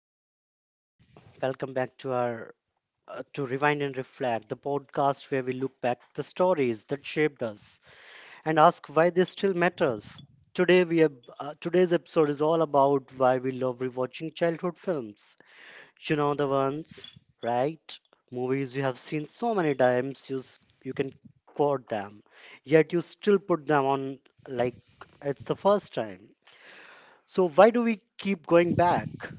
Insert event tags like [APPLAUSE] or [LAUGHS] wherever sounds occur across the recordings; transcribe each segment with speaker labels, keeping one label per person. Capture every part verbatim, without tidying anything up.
Speaker 1: Welcome back. Welcome back to our uh, to Rewind and Reflect, the podcast where we look back at the stories that shaped us and ask why they still matters. Today we have, uh, Today's episode is all about why we love rewatching childhood films. You know the ones, right? Movies you have seen so many times you s- you can quote them, yet you still put them on like it's the first time. So why do we keep going back?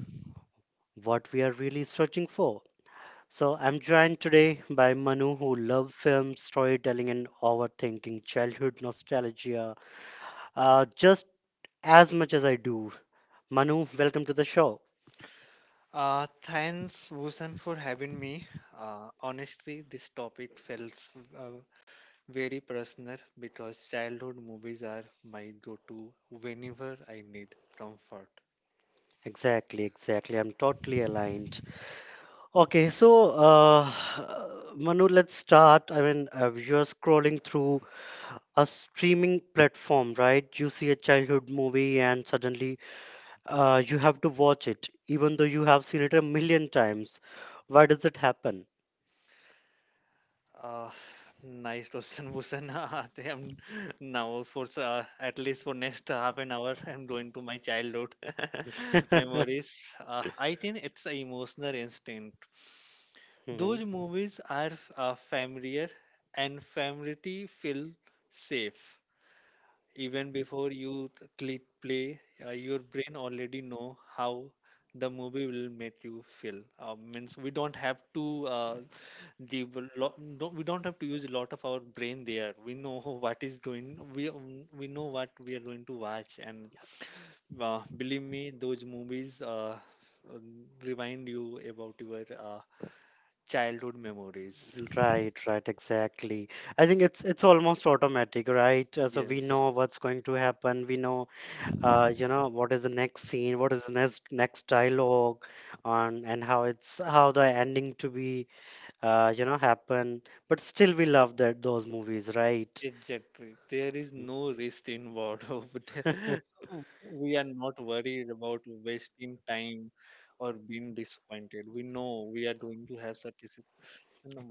Speaker 1: What we are really searching for. So, I'm joined today by Manu, who loves film, storytelling, and overthinking childhood nostalgia uh, just as much as I do. Manu, welcome to the show.
Speaker 2: Uh, thanks, Wusan, for having me. Uh, honestly, this topic feels uh, very personal because childhood movies are my go-to whenever I need comfort.
Speaker 1: Exactly, exactly. I'm totally aligned. Okay, so uh, [SIGHS] Manu, let's start. I mean, uh, you're scrolling through a streaming platform, right? You see a childhood movie, and suddenly uh, you have to watch it, even though you have seen it a million times. Why does it happen?
Speaker 2: Uh, Nice question, Wusan. [LAUGHS] I am now for s- uh, at least for next half an hour, I'm going to my childhood [LAUGHS]
Speaker 1: [LAUGHS]
Speaker 2: memories. Uh, I think it's an emotional instinct.
Speaker 1: Mhm.
Speaker 2: Those movies are uh, familiar, and familiarity feel safe. Even before you t- click play, uh, your brain already know how the movie will make you feel. Uh, means we don't have to uh, the w- lo- don't, we don't have to use a lot of our brain there. We know [LAUGHS] what is going. We um, we know what we are going to watch, and uh, believe me, those movies uh, um, remind you about your uh, childhood memories.
Speaker 1: Right, right, exactly. I think it's it's almost automatic, right? Uh, so we
Speaker 2: Yes.
Speaker 1: know what's going to happen. We know, uh, you know, what is the next scene, what is the next next dialogue, on and how it's how the ending to be. uh, you know happen but still we love that those movies, right?
Speaker 2: Exactly. There is no risk involved [LAUGHS] over there. We are not worried about wasting time or being disappointed. We know we are going to have satisfaction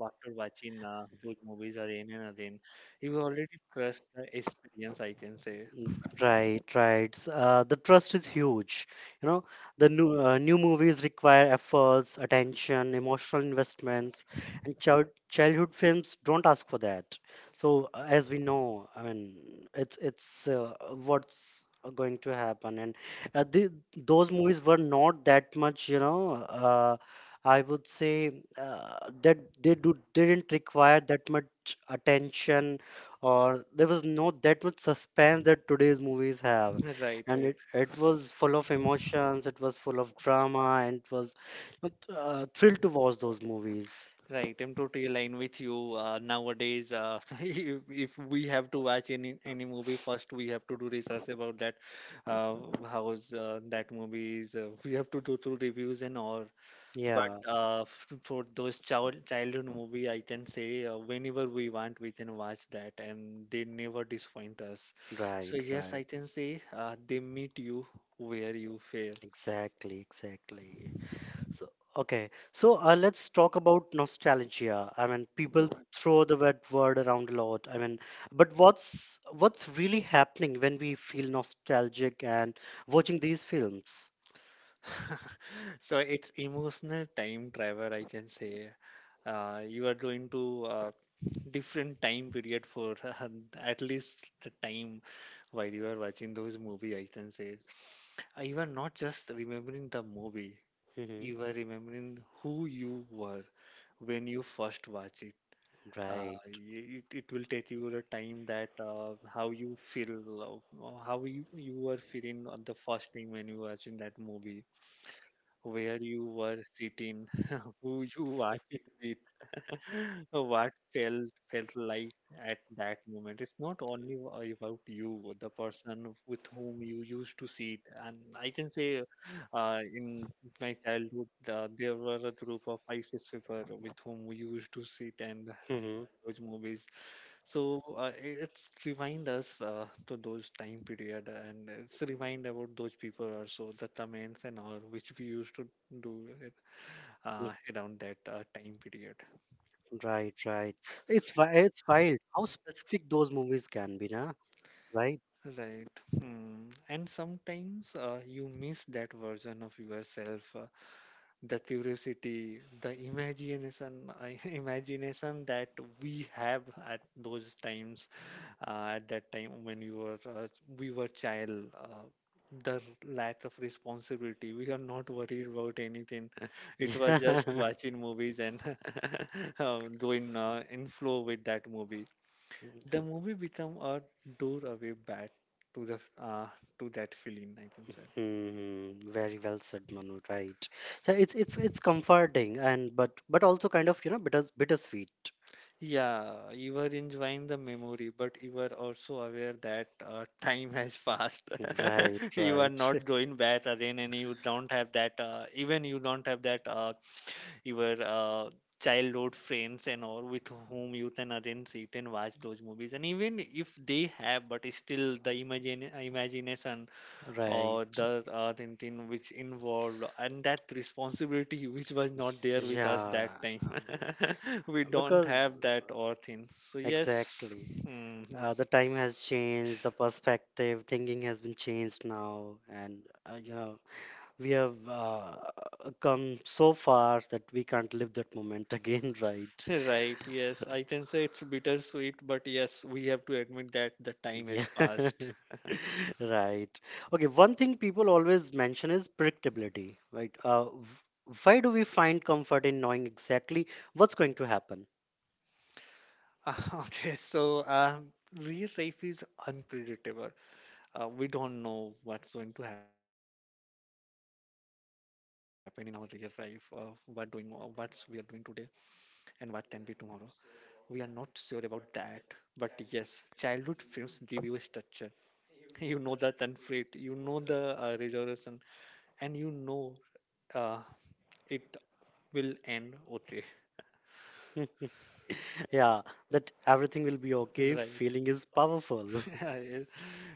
Speaker 2: after watching uh, those movies again and again. You already trust the experience, I can say.
Speaker 1: Mm, right, right. Uh, the trust is huge. You know, the new uh, new movies require efforts, attention, emotional investments, and child childhood films don't ask for that. So, uh, as we know, I mean, it's it's uh, what's going to happen, and uh, the, those movies were not that much. You know, uh, I would say uh, that they do didn't require that much attention or there was no that much suspense that today's movies have,
Speaker 2: [LAUGHS] Right,
Speaker 1: and
Speaker 2: right.
Speaker 1: it, it was full of emotions, it was full of drama, and it was uh, th- uh, thrilled to watch those movies.
Speaker 2: Right, I'm totally aligned with you. Uh, nowadays, uh, [LAUGHS] if, if we have to watch any any movie, first we have to do research about that, uh, how's uh, that movie is. Uh, we have to do through reviews and all. But
Speaker 1: Yeah,
Speaker 2: uh, f- for those child childhood movie, I can say uh, whenever we want, we can watch that, and they never disappoint us. So
Speaker 1: right,
Speaker 2: yes,
Speaker 1: right.
Speaker 2: I can say uh, they meet you where you fare.
Speaker 1: Exactly, exactly. So, okay. So, uh, let's talk about nostalgia. I mean, people throw the word word around a lot. I mean, but what's what's really happening when we feel nostalgic and watching these films?
Speaker 2: [LAUGHS] So it's emotional time travel, I can say. Uh, you are going to uh, different time period for [LAUGHS] uh, at least the time while you are watching those movie, I can say. Uh, You are not just remembering the movie,
Speaker 1: Hmm.
Speaker 2: you are remembering who you were when you first watch it. Uh,
Speaker 1: Right.
Speaker 2: y- it, it will take you the time that uh, how you feel, uh, how you, you were feeling on the first time when you watching that movie, where you were sitting, [LAUGHS] who you were it with, [LAUGHS] what felt felt like at that moment. It's not only a- about you, the person with whom you used to sit. And I can say, uh, in my childhood, uh, there were a group of five, six people with whom we used to sit and
Speaker 1: Hmm.
Speaker 2: watch movies, so uh, i- it's remind us uh, to those time period, and it's remind about those people also, the comments and all which we used to do it, uh, around that uh, time period,
Speaker 1: Right, right. It's wi- it's wild how specific those movies can be, na? Right?
Speaker 2: right? Hmm. And sometimes uh, you miss that version of yourself. Uh, the curiosity, the imagination, I- [LAUGHS] imagination that we have at those times, uh, at that time when you were uh, we were child, uh, the lack of responsibility. We are not worried about anything. [LAUGHS] It was just
Speaker 1: [LAUGHS]
Speaker 2: watching movies and [LAUGHS] uh, going uh, in flow with that movie.
Speaker 1: Yeah.
Speaker 2: The movie become a doorway back to the uh, to that feeling, I think so.
Speaker 1: Mm-hmm. Very well said, Manu. Right. So it's it's it's comforting, and but but also kind of, you know, bitter bittersweet.
Speaker 2: Yeah, you were enjoying the memory, but you were also aware that uh, [LAUGHS] time has passed.
Speaker 1: Right,
Speaker 2: [LAUGHS] You are
Speaker 1: right,
Speaker 2: not going back again, and you don't
Speaker 1: [LAUGHS]
Speaker 2: have that, uh, even you don't have that, uh, your uh, childhood friends and all with whom you can again sit and watch those movies. And even if they have, but still the imagine, imagination
Speaker 1: right.
Speaker 2: or the uh, thing, thing which involved, and that responsibility [LAUGHS] which was not there with us
Speaker 1: Yeah,
Speaker 2: that time, [LAUGHS] we
Speaker 1: um,
Speaker 2: don't
Speaker 1: because
Speaker 2: have that or thing, so yes.
Speaker 1: exactly.
Speaker 2: Hmm,
Speaker 1: Uh, the
Speaker 2: s-
Speaker 1: time has changed, the perspective, thinking has been changed now, and uh, you know we have uh, come so far that we can't live that moment [LAUGHS] again, right?
Speaker 2: [LAUGHS] right, yes, I can say it's bittersweet, but yes, we have to admit that the time
Speaker 1: Yeah.
Speaker 2: has passed.
Speaker 1: [LAUGHS] Right. Okay, one thing people always mention is predictability, right? Uh, v- why do we find comfort in knowing exactly what's going to happen?
Speaker 2: Ah, [LAUGHS] okay, so um real life is unpredictable. Uh, we don't know what's going to happen in our real life. Uh, what doing uh, what we are doing today and what can be tomorrow, we are not sure about that. But yes, childhood films give you a structure. [LAUGHS] You know the conflict, you know the uh, resolution, and you know uh, it will end okay.
Speaker 1: [LAUGHS] Yeah, that everything will be okay
Speaker 2: Right.
Speaker 1: feeling is powerful.
Speaker 2: [LAUGHS] Yeah,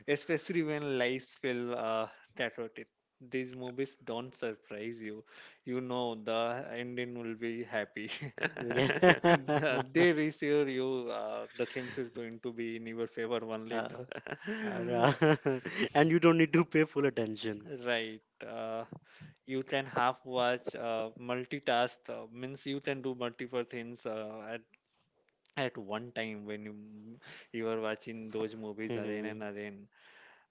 Speaker 2: especially when lives feel uh, chaotic. These movies don't surprise you. You know the ending will
Speaker 1: [LAUGHS]
Speaker 2: be happy.
Speaker 1: Yeah.
Speaker 2: [LAUGHS] The- they
Speaker 1: [LAUGHS]
Speaker 2: reassure you, uh, the things is going to be in your favor only.
Speaker 1: Uh,
Speaker 2: The
Speaker 1: uh, [LAUGHS] and you don't need to pay full attention.
Speaker 2: [LAUGHS]
Speaker 1: [LAUGHS]
Speaker 2: right. Uh, you can half watch, uh, multitask, uh, means you can do multiple things uh, at at one time when you, you are watching those movies again and
Speaker 1: Mhm.
Speaker 2: again.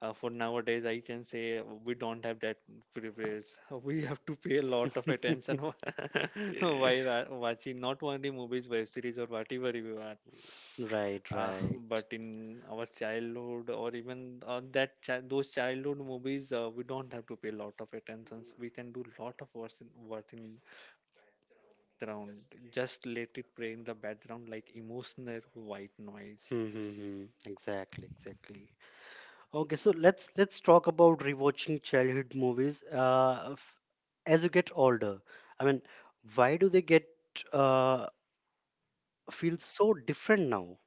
Speaker 2: Uh, for nowadays, I can say we don't have that privilege. [LAUGHS] We have to pay a lot of attention [LAUGHS] while uh, watching not only movies, web series, or whatever you are.
Speaker 1: Right,
Speaker 2: Uh, [LAUGHS] but
Speaker 1: right.
Speaker 2: in our childhood, or even uh, that chi- those childhood movies, uh, we don't have to pay a lot of attentions. We can do lot of work in, work in background. Just let it play in the background like emotional white noise.
Speaker 1: Mm-hmm. Exactly, exactly. Okay, so let's let's talk about rewatching childhood movies. Uh, f- as you get older, I mean, why do they get uh feel so different now?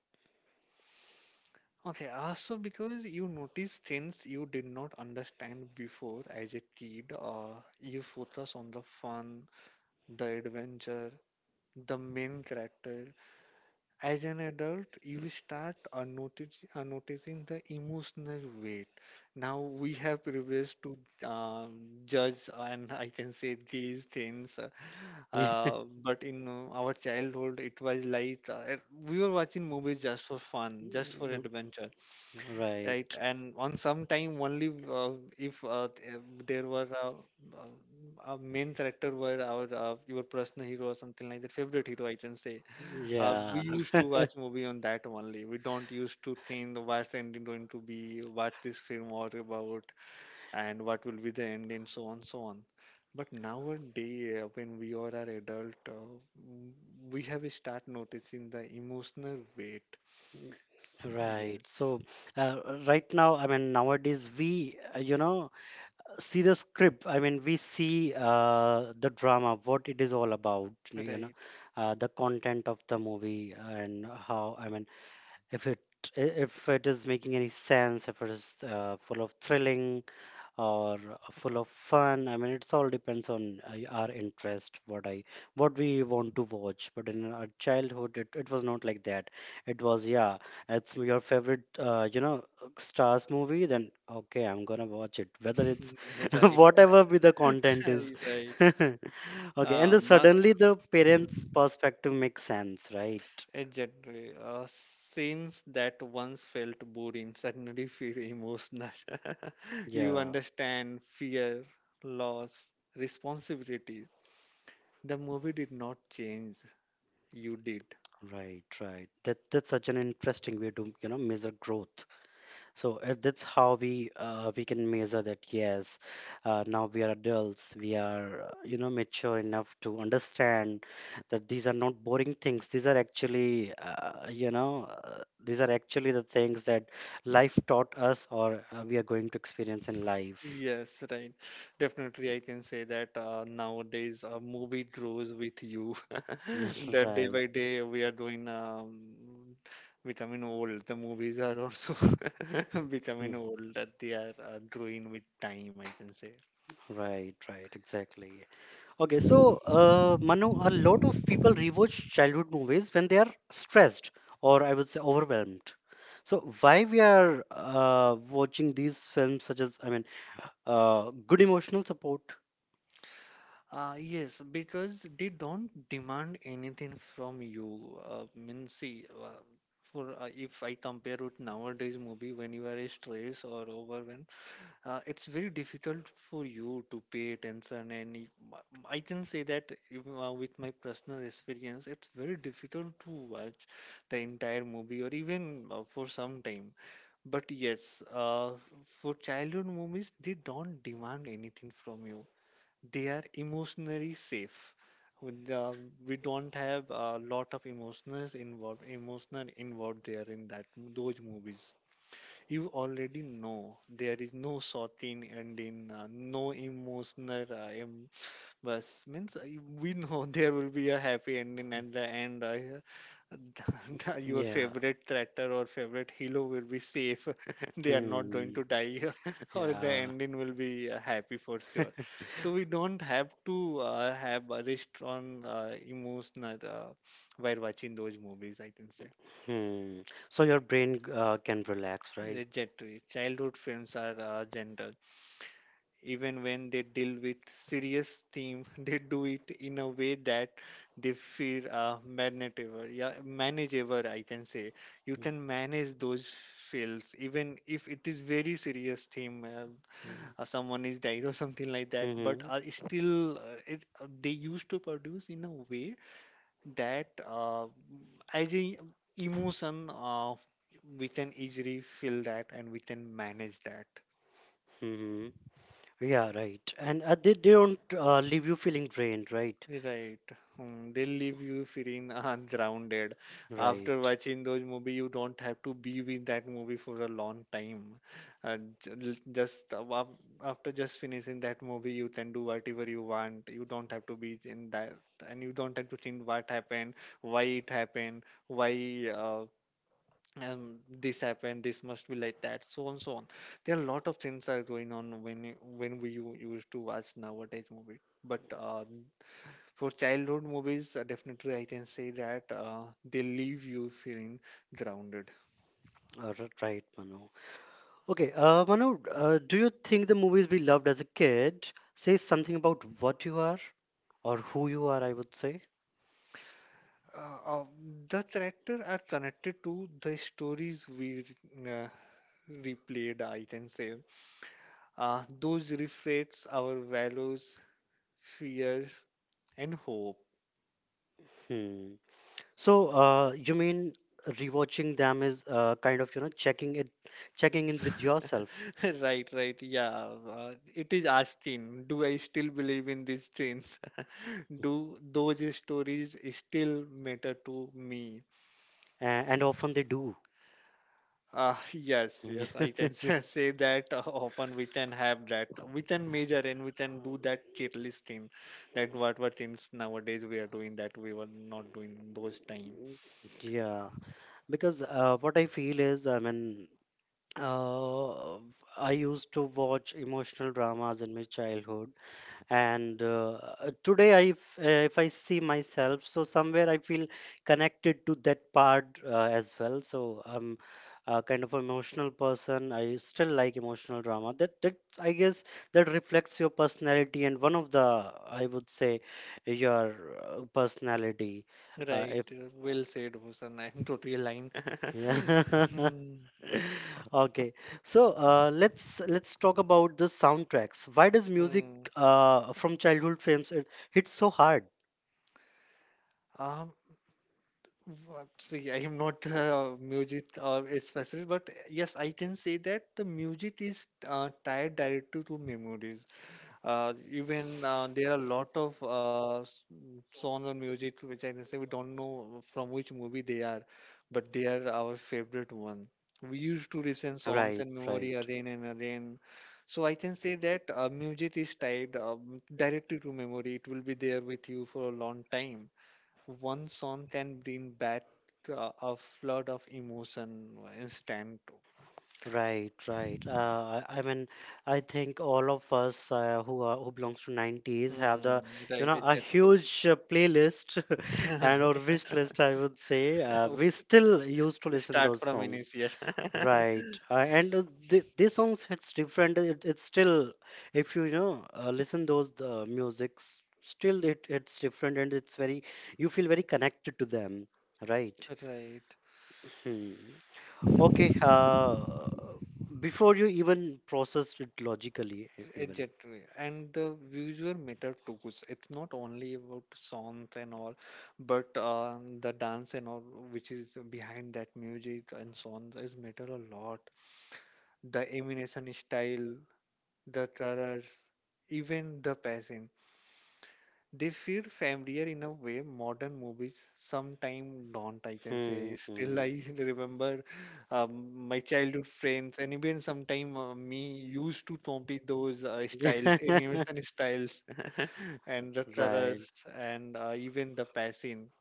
Speaker 2: Okay, also because you notice things you did not understand before as a kid. Uh, you focus on the fun, the adventure, the main character. As an adult, you start uh, notice, uh, noticing the emotional weight. Now we have privilege to uh, judge, and I can say these things. Uh,
Speaker 1: [LAUGHS] Yeah.
Speaker 2: uh, but in uh, our childhood it was like uh, we were watching movies just for fun, just for
Speaker 1: No,
Speaker 2: adventure, right,
Speaker 1: right.
Speaker 2: and on some time only uh, if uh, th- uh, there were uh, uh, a main character were our uh, your personal hero or something like that favorite hero, I can say. Uh, we
Speaker 1: Yeah.
Speaker 2: used to watch
Speaker 1: [LAUGHS]
Speaker 2: movie on that only, we don't used to think what's the ending going to be, what this film was about, and what will be the ending, so on so on. But nowadays uh, when we are an adult, uh, w- we have start noticing the emotional weight. S-
Speaker 1: Right.
Speaker 2: yes,
Speaker 1: So, uh, right now, I mean, nowadays we, uh, you know, see the script. I mean, we see uh, the drama, what it is all about, you know,
Speaker 2: right.
Speaker 1: uh, the content of the movie, and how, I mean, if it, if it is making any sense, if it is uh, full of thrilling or full of fun. I mean, it's all depends on uh, our interest, what i what we want to watch. But in our childhood, it, it was not like that. It was, yeah, it's your favorite uh, you know star's movie. Then okay, I'm gonna watch it, whether it's
Speaker 2: [LAUGHS] Right.
Speaker 1: [LAUGHS] whatever be the content is.
Speaker 2: [LAUGHS] Right.
Speaker 1: [LAUGHS] Okay, and
Speaker 2: Uh,
Speaker 1: then
Speaker 2: now,
Speaker 1: suddenly the parent's perspective makes sense, right?
Speaker 2: exactly. Uh, scenes that once felt boring suddenly feel emotional. [LAUGHS] You
Speaker 1: Yeah,
Speaker 2: understand fear, loss, responsibility. The movie did not change, you did.
Speaker 1: right, right. That that's such an interesting way to, you know, measure growth. So uh, that's how we uh, we can measure that. Yes, uh, now we are adults, we are, uh, you know, mature enough to understand that these are not boring things. These are actually, uh, you know uh, these are actually the things that life taught us, or uh, we are going to experience in life.
Speaker 2: Yes, right. Definitely, I can say that uh, nowadays a movie grows with you. [LAUGHS]
Speaker 1: [LAUGHS]
Speaker 2: That day
Speaker 1: Right.
Speaker 2: by day we are doing um, becoming old. The movies are also [LAUGHS]
Speaker 1: Hmm.
Speaker 2: becoming old. That they are uh, growing with time, I can say.
Speaker 1: Right, right, exactly. Okay, so uh, Manu, a lot of people rewatch childhood movies when they are stressed, or I would say overwhelmed. So why we are uh, watching these films such as, I mean, uh, good emotional support.
Speaker 2: Uh, yes, because they don't demand anything from you. Uh, mean, see, uh, for uh, if I compare with nowadays movie, when you are stressed or overwhelmed, uh, it's very difficult for you to pay attention, and y- m- I can say that even, uh, with my personal experience it's very difficult to watch the entire movie, or even uh, for some time. But yes, uh, for childhood movies they don't demand anything from you, they are emotionally safe. With the- we don't have a lot of emotions involved, emotional involved there in that those movies. You already know there is no sorting ending, uh, no emotional uh, embarrass- means, uh, we know [LAUGHS] there will be a happy ending at the end. Uh, [LAUGHS] your
Speaker 1: Yeah.
Speaker 2: favorite tractor or favorite hero will be safe. [LAUGHS] They are not going
Speaker 1: Hmm.
Speaker 2: to die, [LAUGHS] or the
Speaker 1: Yeah.
Speaker 2: ending will be uh, happy for sure.
Speaker 1: [LAUGHS]
Speaker 2: So we don't have to uh, have a restaurant uh, emotional uh, while watching those movies, I can say.
Speaker 1: Hmm. So your brain uh, can relax, right?
Speaker 2: Legendary. Childhood films are uh, gentle. Even when they deal with serious theme, [LAUGHS] they do it in a way that they feel uh, manageable. Yeah, manageable, I can say. You can manage those feels, even if it is very serious theme. Uh, uh,
Speaker 1: Hmm.
Speaker 2: someone is died, or [LAUGHS] something like that. But
Speaker 1: Mm-hmm.
Speaker 2: uh, it's still uh, it, uh, they used to produce in a way that uh, as a emotion, uh, we can easily feel that and we can manage that.
Speaker 1: Mm-hmm. Yeah, right. And uh, they, they don't uh, leave you feeling drained, right?
Speaker 2: Right. Hmm, they'll leave you feeling [LAUGHS] uh, grounded.
Speaker 1: Right.
Speaker 2: After watching those movie, you don't have to be with that movie for a long time. Uh, j- l- just uh, wa- after just finishing that movie, you can do whatever you want. You don't have to be in that, and you don't have to think what happened, why it happened, why uh, um, this happened, this must be like that, so on, so on. There are a lot of things are going on when you- when we u- used to watch nowadays movie. But uh, for childhood movies, uh, definitely I can say that uh, they leave you feeling grounded.
Speaker 1: Uh, r- right, Manu. Okay, uh, Manu, uh, do you think the movies we loved as a kid say something about what you are, or who you are, I would say?
Speaker 2: Uh, uh, the character are connected to the stories we uh, replayed, I can say. Uh, those reflects our values, fears, and hope.
Speaker 1: Hmm. So, uh, you mean rewatching them is, uh, kind of, you know, checking it, checking in with yourself,
Speaker 2: [LAUGHS] Right, right. Yeah. Uh, it is asking, do I still believe in these things? [LAUGHS] Do those stories still matter to me?
Speaker 1: a- and often they do.
Speaker 2: Uh, [LAUGHS] yes, yes, I can [LAUGHS]
Speaker 1: [LAUGHS]
Speaker 2: say that uh, often we can have that. We can measure and we can do that cheerleading. That what what things nowadays we are doing that we were not doing those time.
Speaker 1: Yeah, because uh, what I feel is, I mean, uh, I used to watch emotional dramas in my childhood, and uh, today, I if, uh, if I see myself, so somewhere I feel connected to that part uh, as well. So I'm a kind of emotional person. I still like emotional drama. That that I guess that reflects your personality, and one of the, I would say, your uh, personality. Uh,
Speaker 2: Right.
Speaker 1: if
Speaker 2: uh, Well said, Hussein. [LAUGHS] I'm totally aligned. [LAUGHS]
Speaker 1: Yeah. [LAUGHS] Okay. So uh, let's let's talk about the soundtracks. Why does
Speaker 2: Hmm.
Speaker 1: music
Speaker 2: Mm.
Speaker 1: uh, from childhood films it hits so hard?
Speaker 2: Um, w- see, I am not uh, music or a specialist, but yes, I can say that the music is uh, tied directly to memories. Uh, even uh, there are a lot of uh, s- m- songs or music which I can say we don't know from which movie they are, but they are our favorite one. We used to listen songs
Speaker 1: Right,
Speaker 2: and
Speaker 1: right.
Speaker 2: memory again and again. So I can say that uh, music is tied um, directly to memory. It will be there with you for a long time. One song can bring back uh, a flood of emotion instant.
Speaker 1: Right, right. Uh, I, I mean, I think all of us uh, who are, who belongs to nineties have the,
Speaker 2: Hmm,
Speaker 1: you
Speaker 2: right,
Speaker 1: know, a
Speaker 2: exactly.
Speaker 1: huge uh, playlist [LAUGHS] and or
Speaker 2: [LAUGHS]
Speaker 1: wish list, I would say. Uh, we still used to listen
Speaker 2: Start
Speaker 1: those
Speaker 2: from
Speaker 1: songs.
Speaker 2: initial. [LAUGHS]
Speaker 1: Right, uh, and uh, th these songs, it's different. It, it's still, if you, you know, uh, listen those uh, musics, still it it's different, and it's very, you feel very connected to them. Right.
Speaker 2: Right.
Speaker 1: Hmm. Okay, uh, before you even process it logically, e- even.
Speaker 2: Exactly. And the visual matter too. It's not only about songs and all, but uh, the dance and all, which is behind that music and songs, is matter a lot. The emanation style, the colors, even the passion. They feel familiar in a way modern movies sometimes don't. I can
Speaker 1: Hmm,
Speaker 2: say still
Speaker 1: hmm.
Speaker 2: I [LAUGHS] remember um, my childhood friends and even sometime uh, me used to copy those uh, styles, animation
Speaker 1: [LAUGHS]
Speaker 2: styles, [LAUGHS] and the
Speaker 1: Right.
Speaker 2: colors and uh, even the passion.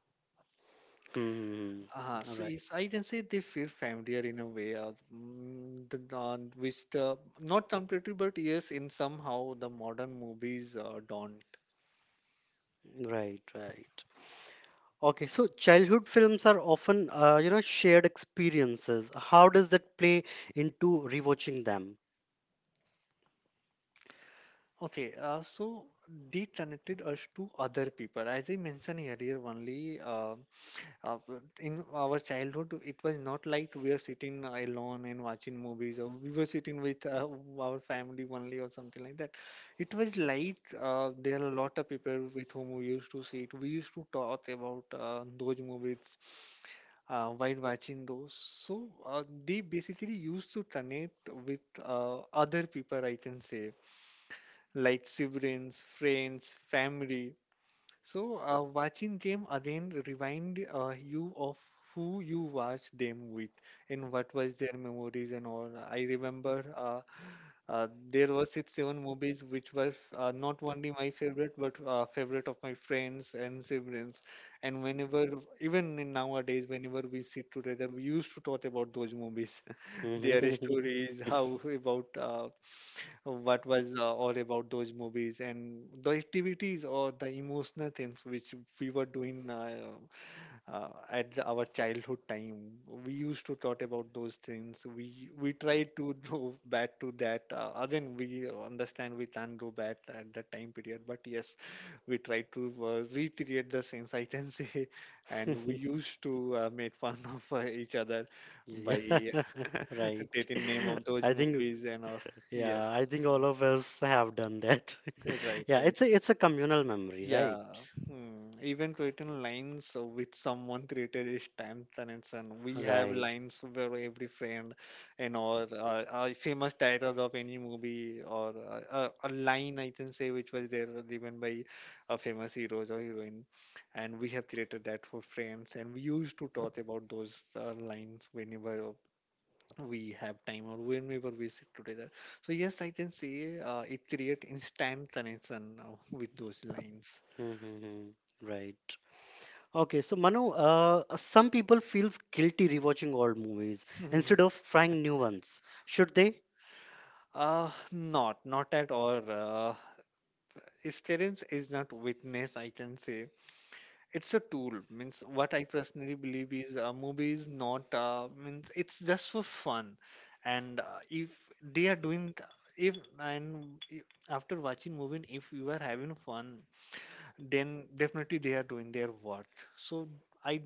Speaker 1: Hmm. Hmm,
Speaker 2: Uh,
Speaker 1: hmm. All
Speaker 2: so
Speaker 1: right.
Speaker 2: it's, I can say they feel familiar in a way, uh, mm, the, uh, which the not completely, but yes, in somehow the modern movies uh, don't.
Speaker 1: Right, right. Okay, so childhood films are often, uh, you know, shared experiences. How does that play into rewatching them?
Speaker 2: Okay, uh, so they connected us to other people. As I mentioned earlier, only uh, uh, in our childhood, it was not like we are sitting alone and watching movies, or we were sitting with uh, our family only, or something like that. It was like uh, there are a lot of people with whom we used to sit. We used to talk about uh, those movies uh, while watching those. So uh, they basically used to connect with uh, other people, I can say like siblings, friends, family. So uh, watching them again remind uh, you of who you watched them with and what was their memories and all. I remember uh, uh, there were six, seven movies which were uh, not only my favorite, but uh, favorite of my friends and siblings. And whenever, even in nowadays, whenever we sit together, we used to talk about those movies, [LAUGHS] their stories,
Speaker 1: [LAUGHS]
Speaker 2: how about uh, what was uh, all about those movies, and the activities or the emotional things which we were doing. Uh, uh, at the- our childhood time we used to talk about those things we we try to [LAUGHS] do back to that uh, again we understand we can't do back at that time period, but yes, we try to uh, recreate the scenes, I can say, [LAUGHS] and we used to uh, make fun of uh, each other
Speaker 1: Yeah,
Speaker 2: by
Speaker 1: [LAUGHS] right.
Speaker 2: [LAUGHS] taking name of
Speaker 1: [LAUGHS]
Speaker 2: those
Speaker 1: I think,
Speaker 2: movies and or yes,
Speaker 1: yeah, I think all of us have done that.
Speaker 2: right,
Speaker 1: [LAUGHS] Yeah,
Speaker 2: right,
Speaker 1: it's a, it's a communal memory, right?
Speaker 2: yeah, hmm. Even written lines uh, which someone created is stamped and Son. We have
Speaker 1: Right. [LAUGHS]
Speaker 2: lines where every friend and or uh, a famous title of any movie or uh, uh, a line I can say which was there given by a famous heroes or heroine, and we have created that for friends and we used to talk about those uh, lines whenever we have time or whenever we sit together. So yes, I can say uh, it create instant connection uh, with those lines.
Speaker 1: Hmm, hmm, hmm. Right. Okay, so Manu, uh, some people feels guilty rewatching old movies
Speaker 2: Mhm.
Speaker 1: instead of trying new ones. Should they?
Speaker 2: Uh, not, not at all. Uh, Experience is not witness, I can say. It's a tool. Means what I personally believe is a movie is not, uh, means it's just for fun. And uh, if they are doing, th- if and I- after watching movie, if you are having fun, then definitely they are doing their work. So I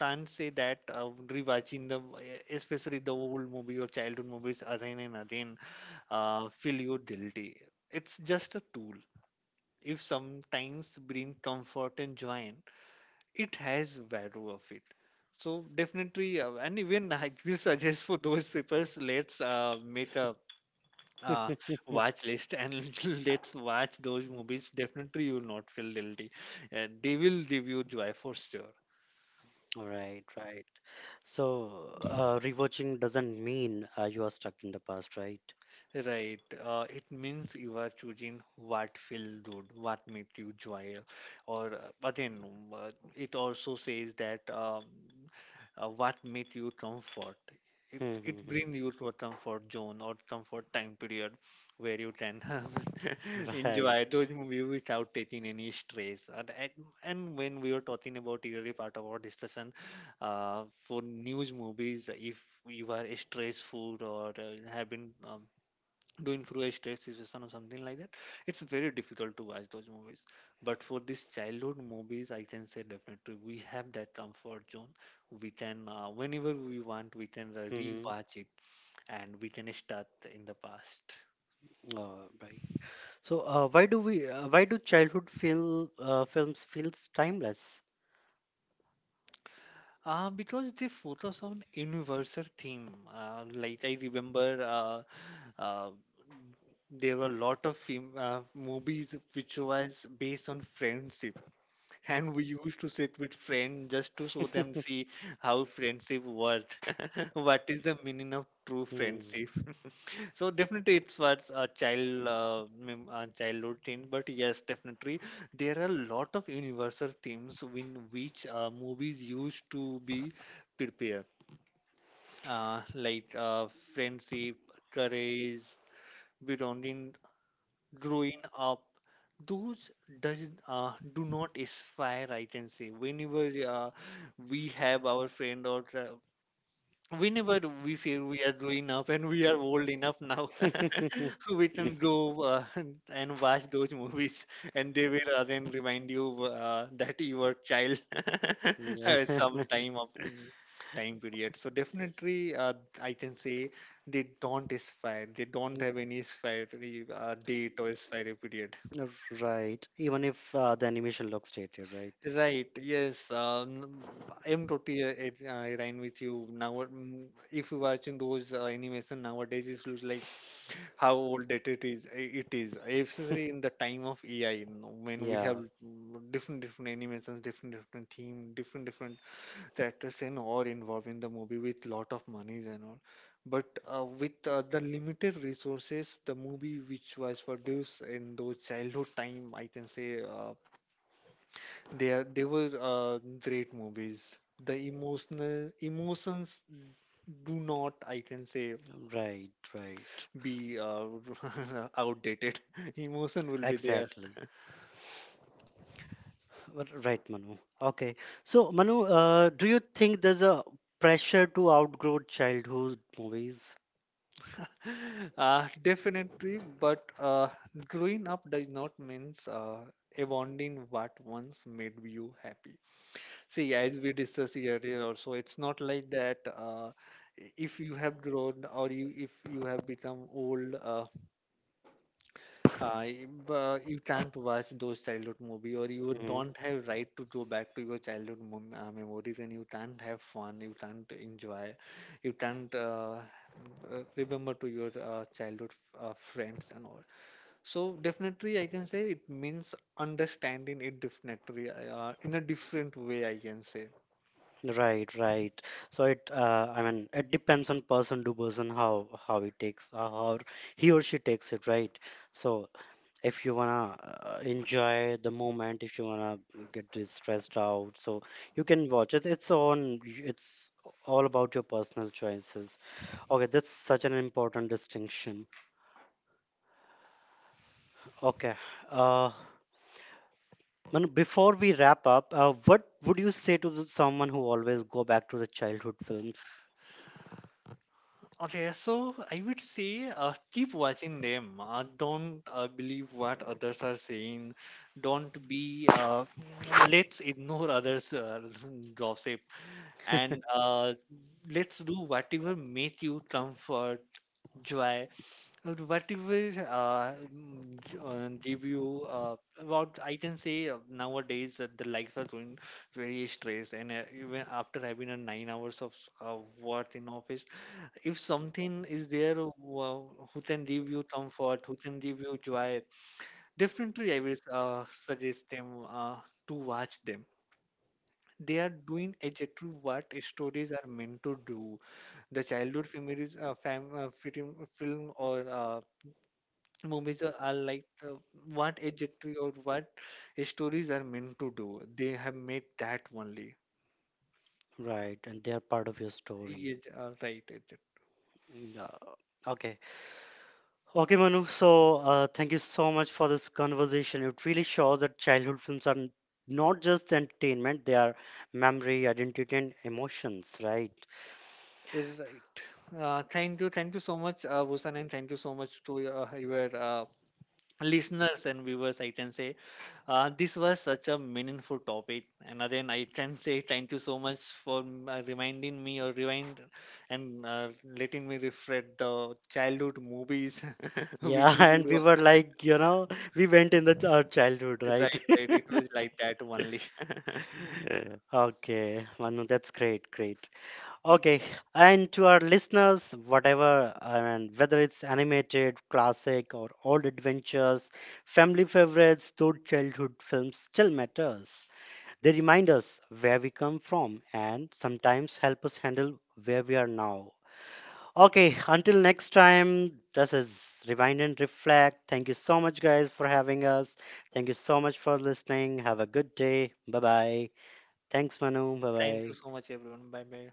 Speaker 2: can't say that uh, rewatching the, e-, especially the old movie or childhood movies again and again uh, feel you guilty. It's just a tool. If sometimes bring comfort and joy, in, it has value of it. So definitely, uh, and even [LAUGHS] I will suggest for those people, let's uh, make a uh, watch list and [LAUGHS] let's watch those movies. Definitely, you will not feel guilty. Uh, they will give you joy for sure.
Speaker 1: Right, right. So uh, rewatching doesn't mean uh, you are stuck in the past, right?
Speaker 2: Right. Uh, it means you are choosing what feel good, what makes you joy, or uh, again, uh, it also says that um, uh, what makes you comfort. It
Speaker 1: Hmm, hmm,
Speaker 2: it
Speaker 1: hmm.
Speaker 2: brings you to a comfort zone or comfort time period where you can [LAUGHS]
Speaker 1: Right.
Speaker 2: enjoy those movies without taking any stress. And, and and when we were talking about early part of our discussion, uh, for news movies, if you are stressful or uh, have been um, doing through a stress situation or something like that, it's very difficult to watch those movies, but for these childhood movies I can say definitely we have that comfort zone. We can uh, whenever we want, we can uh,
Speaker 1: Hmm, hmm.
Speaker 2: rewatch it and we can start in the past
Speaker 1: Uh, right. So uh, why do we? Uh, why do childhood feel uh, films feels timeless?
Speaker 2: uh, because they focus on universal theme, uh, like I remember uh, uh, there were a lot of film, uh, movies which was based on friendship. And we used to sit with friends just to show them,
Speaker 1: [LAUGHS]
Speaker 2: see how friendship works. [LAUGHS] What is the meaning of true
Speaker 1: Hmm.
Speaker 2: friendship? [LAUGHS] So definitely it was a child uh, mem- uh, childhood thing, but yes, definitely there are a lot of universal themes in which uh, movies used to be prepared, uh, like uh, friendship, courage, belonging, growing up. Those does uh, do not expire, I can say. Whenever uh, we have our friend or tra- whenever we feel we are growing up and we are old enough now, [LAUGHS] we can
Speaker 1: [LAUGHS]
Speaker 2: go uh, [LAUGHS] and watch those movies, and they will uh, then remind you uh, that you were child [LAUGHS]
Speaker 1: Yeah.
Speaker 2: at
Speaker 1: [LAUGHS]
Speaker 2: some time of mm, time period. So definitely, uh, I can say they don't expire. They don't have any expiry uh, date or expiry period.
Speaker 1: Right. Even if uh, the animation looks dated, right?
Speaker 2: Right. Yes. Um, I'm totally uh, it- uh, aligned with you. Now, mm, if you're watching those uh, animation nowadays, it looks like how old that it is. i- It is especially in the time of A I, you know, when we have
Speaker 1: Yeah.
Speaker 2: mm, different different animations, different different theme, different different characters and all involved in the movie with lot of monies and all. But uh, with uh, the limited resources, the movie which was produced in those childhood time, I can say. Uh, they are they were uh, great movies. The emotional emotions do not, I can say,
Speaker 1: Right. Right.
Speaker 2: be uh, [LAUGHS] outdated. [LAUGHS] Emotion will be there,
Speaker 1: Exactly. Well, right, Manu. Okay. So, Manu, uh, do you think there's a pressure to outgrow childhood movies?
Speaker 2: [LAUGHS] uh, definitely. But uh, growing up does not means uh, abandoning what once made you happy. See, as we discussed earlier, also, it's not like that. Uh, if you have grown or you if you have become old, uh, Uh, if, uh, you can't watch those childhood movie or you
Speaker 1: Mhm.
Speaker 2: don't have right to go back to your childhood mom uh, memories, and you can't have fun, you can't enjoy, you can't uh, uh, remember to your uh, childhood uh, friends and all. So definitely I can say it means understanding it definitely uh, in a different way, I can say.
Speaker 1: Right, right. So it, uh, I mean, it depends on person to person, how how he takes, uh, how he or she takes it, right? So if you wanna uh, enjoy the moment, if you wanna get this stressed out, so you can watch it. It's on. It's all about your personal choices. Okay, that's such an important distinction. Okay, uh, Manu, before we wrap up, uh, what would you say to the, someone who always go back to the childhood films,
Speaker 2: Okay, so I would say uh, keep watching them. Uh, don't uh, believe what others are saying. Don't be, uh, mm, let's ignore others' uh, [LAUGHS] gossip and uh, let's do whatever make you comfort, joy, or whatever uh, mm, g- uh, give you uh, about. I can say uh, nowadays that the life are going very stressed, and uh, even after having a nine hours of uh, work in office, if something is there who, who can give you comfort, who can give you joy, definitely I will uh, suggest them uh, to watch them. They are doing exactly what stories are meant to do. The childhood memories, uh, fam, uh, film, film or uh, movies are, are like uh, what exactly or what stories are meant to do. They have made that only.
Speaker 1: right? And they are part of your story.
Speaker 2: Yeah, right, exactly.
Speaker 1: Yeah. Okay. Okay, Manu. So, uh, thank you so much for this conversation. It really shows that childhood films are n- not just entertainment, they are memory, identity, and emotions, right?
Speaker 2: Right. Uh, thank you, thank you so much, uh, Bhushan. And thank you so much to uh, your uh, listeners and viewers. I can say uh, this was such a meaningful topic, and again, I can say thank you so much for m- uh, reminding me or remind and uh, letting me refresh the childhood movies, [LAUGHS] which
Speaker 1: Yeah, [LAUGHS]
Speaker 2: we
Speaker 1: and
Speaker 2: you
Speaker 1: we were like, you know, we went in the ch- our childhood,
Speaker 2: [LAUGHS]
Speaker 1: right?
Speaker 2: right, right. It
Speaker 1: [LAUGHS]
Speaker 2: was like that only. [LAUGHS]
Speaker 1: Okay, Manu, that's great, great. Okay, and to our listeners, whatever, I mean, whether it's animated, classic, or old adventures, family favorites, those childhood films still matters. They remind us where we come from, and sometimes help us handle where we are now. Okay, until next time, this is Rewind and Reflect. Thank you so much, guys, for having us. Thank you so much for listening. Have a good day. Bye bye. Thanks, Manu. Bye
Speaker 2: Thank you
Speaker 1: bye.
Speaker 2: so much, everyone. Bye bye.